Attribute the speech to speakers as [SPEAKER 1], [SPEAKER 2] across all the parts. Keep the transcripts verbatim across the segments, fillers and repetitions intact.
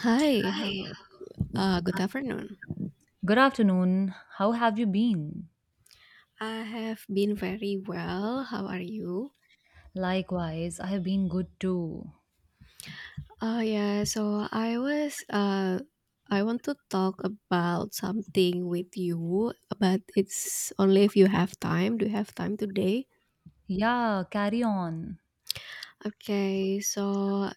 [SPEAKER 1] Hi, how, uh, good afternoon.
[SPEAKER 2] Good afternoon. How have you been?
[SPEAKER 1] I have been very well. How are you?
[SPEAKER 2] Likewise, I have been good too.
[SPEAKER 1] Uh, yeah, so I was, uh, I want to talk about something with you, but it's only if you have time. Do you have time today?
[SPEAKER 2] Yeah, carry on.
[SPEAKER 1] Okay, so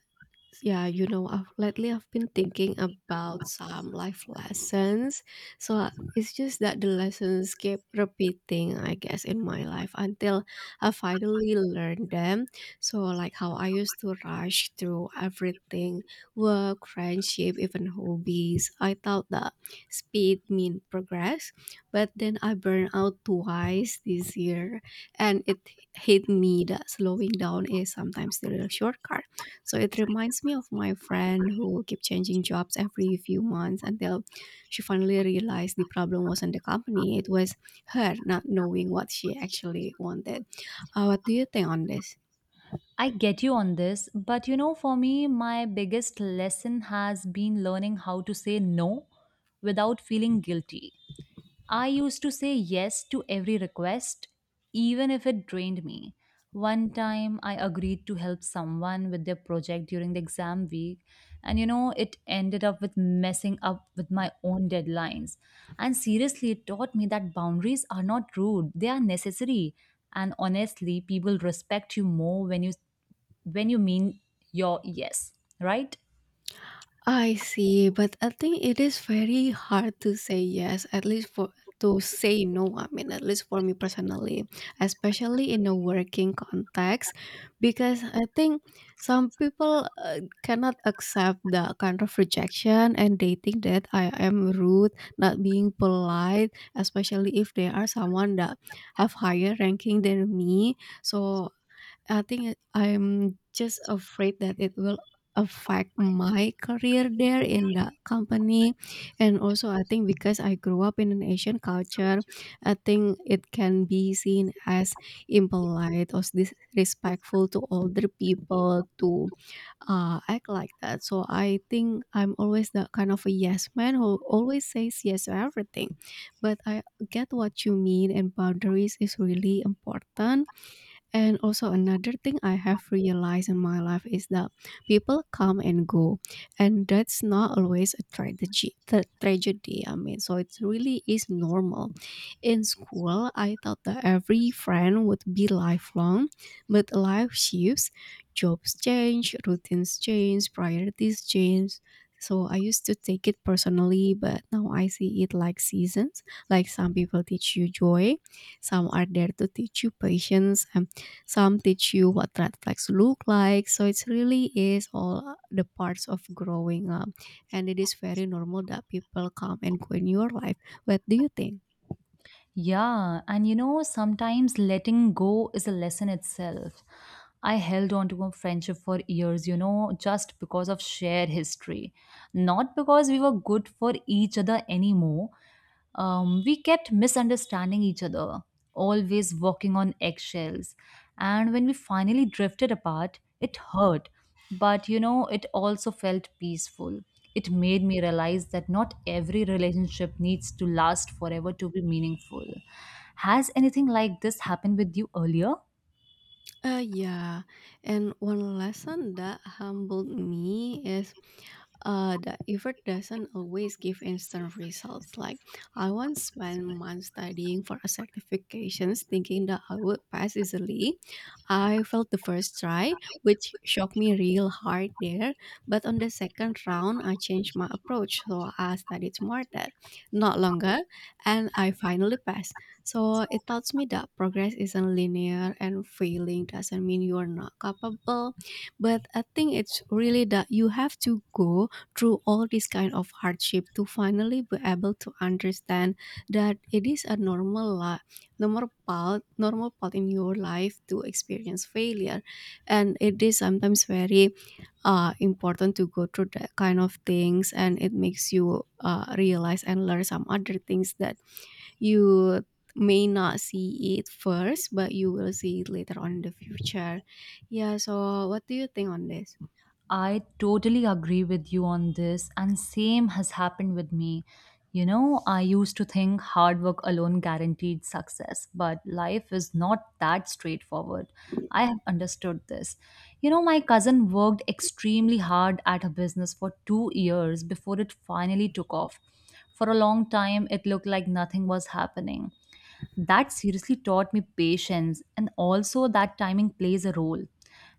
[SPEAKER 1] yeah, you know, I've lately I've been thinking about some life lessons. So uh, it's just that the lessons keep repeating, I guess, in my life until I finally learned them. So like how I used to rush through everything, work, friendship, even hobbies. I thought that speed mean progress, but then I burned out twice this year, and it hit me that slowing down is sometimes the real shortcut. So it reminds me of my friend who kept changing jobs every few months until she finally realized the problem wasn't the company, it was her not knowing what she actually wanted. Uh, what do you think on this?
[SPEAKER 2] I get you on this, but you know, for me, my biggest lesson has been learning how to say no without feeling guilty. I used to say yes to every request, even if it drained me. One time, I agreed to help someone with their project during the exam week, and you know, it ended up with messing up with my own deadlines. And seriously, it taught me that boundaries are not rude, they are necessary. And honestly, people respect you more when you when you mean your yes, right?
[SPEAKER 1] I see, but I think it is very hard to say yes, at least for to say no. I mean, at least for me personally, especially in a working context, because I think some people uh, cannot accept the kind of rejection and they think that I am rude, not being polite, especially if they are someone that have higher ranking than me. So I think it- I'm just afraid that it will affect my career there in that company. And also I think because I grew up in an Asian culture, I think it can be seen as impolite or disrespectful to older people to uh, act like that. So I think I'm always that kind of a yes man who always says yes to everything, but I get what you mean, and boundaries is really important. And also another thing I have realized in my life is that people come and go, and that's not always a tragedy. The tragedy, I mean, so it really is normal. In school, I thought that every friend would be lifelong, but life shifts, jobs change, routines change, priorities change. So I used to take it personally, but now I see it like seasons. Like some people teach you joy, some are there to teach you patience, some teach you what red flags look like. So it's really is all uh, the parts of growing up. And it is very normal that people come and go in your life. What do you think?
[SPEAKER 2] Yeah, and you know, sometimes letting go is a lesson itself. I held on to a friendship for years, you know, just because of shared history, not because we were good for each other anymore. Um, we kept misunderstanding each other, always walking on eggshells. And when we finally drifted apart, it hurt, but you know, it also felt peaceful. It made me realize that not every relationship needs to last forever to be meaningful. Has anything like this happened with you earlier?
[SPEAKER 1] Uh, yeah, and one lesson that humbled me is uh, that effort doesn't always give instant results. Like, I once spent months studying for a certifications thinking that I would pass easily. I felt the first try, which shocked me real hard there. But on the second round, I changed my approach, so I studied smarter, not longer, and I finally passed. So it taught me that progress isn't linear and failing doesn't mean you're not capable. But I think it's really that you have to go through all this kind of hardship to finally be able to understand that it is a normal life, normal part, normal part in your life to experience failure. And it is sometimes very uh, important to go through that kind of things, and it makes you uh, realize and learn some other things that you may not see it first, but you will see it later on in the future. Yeah, so what do you think on this?
[SPEAKER 2] I totally agree with you on this, and same has happened with me. You know, I used to think hard work alone guaranteed success, but life is not that straightforward. I have understood this. You know, my cousin worked extremely hard at her business for two years before it finally took off. For a long time, it looked like nothing was happening. That seriously taught me patience, and also that timing plays a role.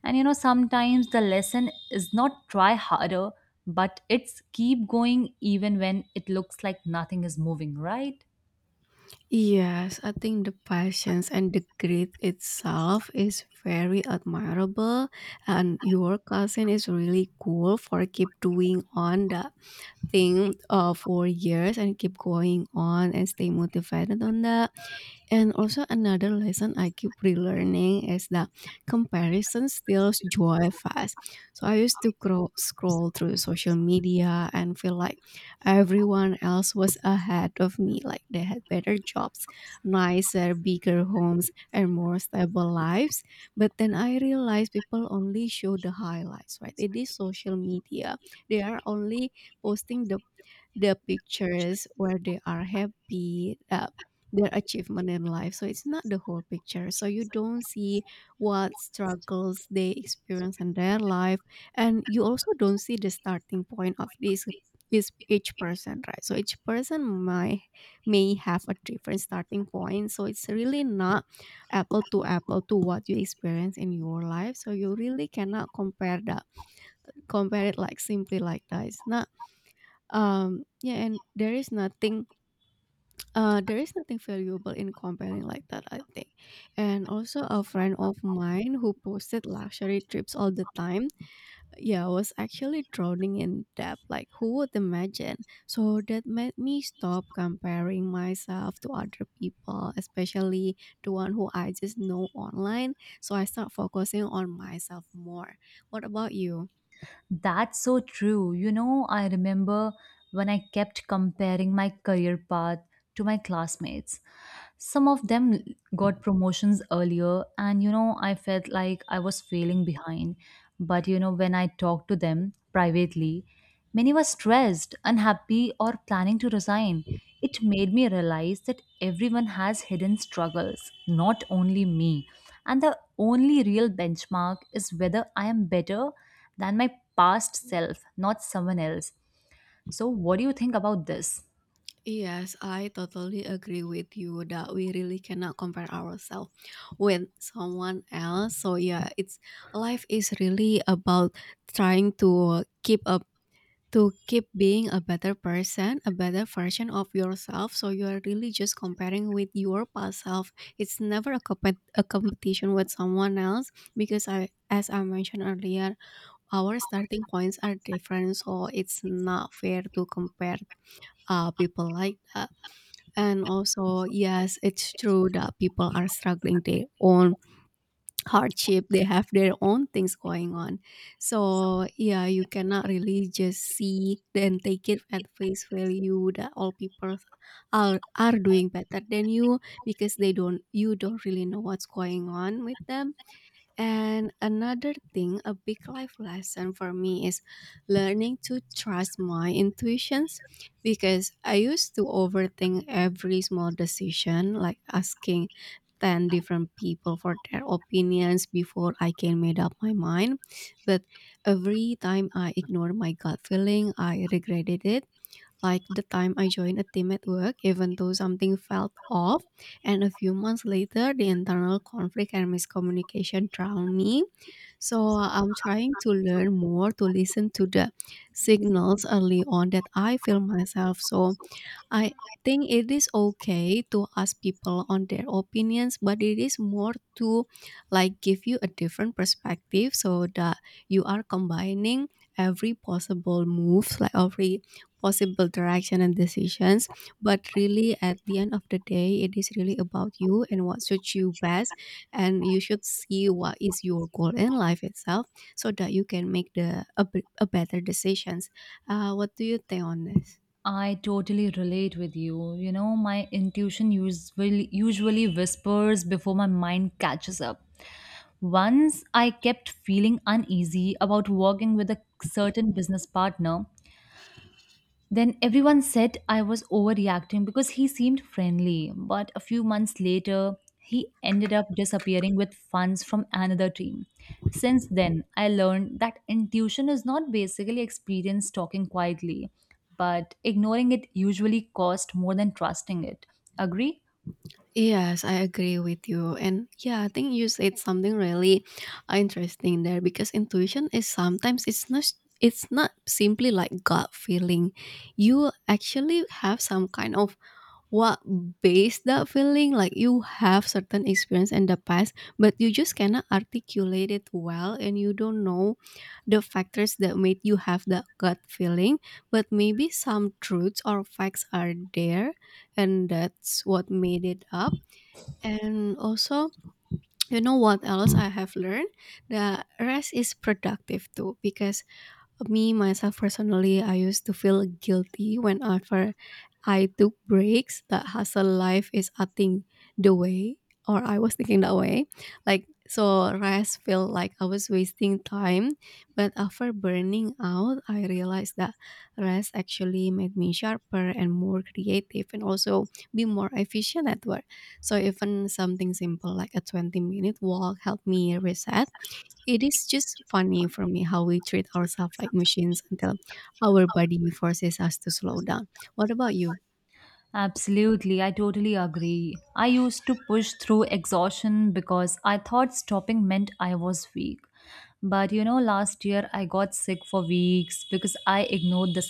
[SPEAKER 2] And you know, sometimes the lesson is not try harder, but it's keep going even when it looks like nothing is moving, right?
[SPEAKER 1] Yes, I think the patience and the grit itself is very admirable, and your cousin is really cool for keep doing on that thing uh, for years and keep going on and stay motivated on that. And also another lesson I keep relearning is that comparison steals joy fast. So I used to cro- scroll through social media and feel like everyone else was ahead of me, like they had better jobs, nicer, bigger homes, and more stable lives. But then I realized people only show the highlights, right? It is social media, they are only posting the the pictures where they are happy, uh, their achievement in life. So it's not the whole picture. So you don't see what struggles they experience in their life, and you also don't see the starting point of this is each person, right? So each person might may have a different starting point, so it's really not apple to apple to what you experience in your life. So you really cannot compare that compare it like simply like that. It's not um, yeah, and there is nothing uh there is nothing valuable in comparing like that, I think. And also a friend of mine who posted luxury trips all the time, yeah, was actually drowning in debt. Like who would imagine? So that made me stop comparing myself to other people, especially the one who I just know online. So I start focusing on myself more. What about you?
[SPEAKER 2] That's so true. You know, I remember when I kept comparing my career path to my classmates. Some of them got promotions earlier, and you know, I felt like I was failing behind. But you know, when I talked to them privately, many were stressed, unhappy, or planning to resign. It made me realize that everyone has hidden struggles, not only me. And the only real benchmark is whether I am better than my past self, not someone else. So, what do you think about this?
[SPEAKER 1] Yes, I totally agree with you that we really cannot compare ourselves with someone else. So yeah, it's life is really about trying to keep up to keep being a better person, a better version of yourself. So you are really just comparing with your past self. It's never a, compet a competition with someone else, because I as I mentioned earlier, our starting points are different. So it's not fair to compare uh, people like that. And also, yes, it's true that people are struggling their own hardship. They have their own things going on. So, yeah, you cannot really just see then take it at face value that all people are are doing better than you, because they don't you don't really know what's going on with them. And another thing, a big life lesson for me is learning to trust my intuitions, because I used to overthink every small decision, like asking ten different people for their opinions before I can made up my mind. But every time I ignored my gut feeling, I regretted it, like the time I joined a team at work, even though something felt off. And a few months later, the internal conflict and miscommunication drowned me. So I'm trying to learn more to listen to the signals early on that I feel myself. So I think it is okay to ask people on their opinions, but it is more to like give you a different perspective so that you are combining every possible move, like every possible direction and decisions. But really, at the end of the day, it is really about you and what suits you best. And you should see what is your goal in life itself so that you can make the a, b- a better decisions. Uh, what do you think on this?
[SPEAKER 2] I totally relate with you. You know, my intuition usually usually whispers before my mind catches up. Once I kept feeling uneasy about working with a certain business partner, then everyone said I was overreacting because he seemed friendly, but a few months later, he ended up disappearing with funds from another team. Since then, I learned that intuition is not basically experience talking quietly, but ignoring it usually cost more than trusting it. Agree?
[SPEAKER 1] Yes, I agree with you. And yeah, I think you said something really uh, interesting there, because intuition is sometimes it's not it's not simply like gut feeling. You actually have some kind of what base that feeling, like you have certain experience in the past, but you just cannot articulate it well and you don't know the factors that made you have that gut feeling, but maybe some truths or facts are there, and that's what made it up. And also, you know what else I have learned? The rest is productive too, because me myself personally, I used to feel guilty whenever I took breaks. That hustle life is acting the way, or I was thinking that way, like so rest felt like I was wasting time. But after burning out, I realized that rest actually made me sharper and more creative, and also be more efficient at work. So even something simple like a twenty minute walk helped me reset. It is just funny for me how we treat ourselves like machines until our body forces us to slow down. What about you?
[SPEAKER 2] Absolutely, I totally agree. I used to push through exhaustion because I thought stopping meant I was weak. But you know, last year I got sick for weeks because I ignored the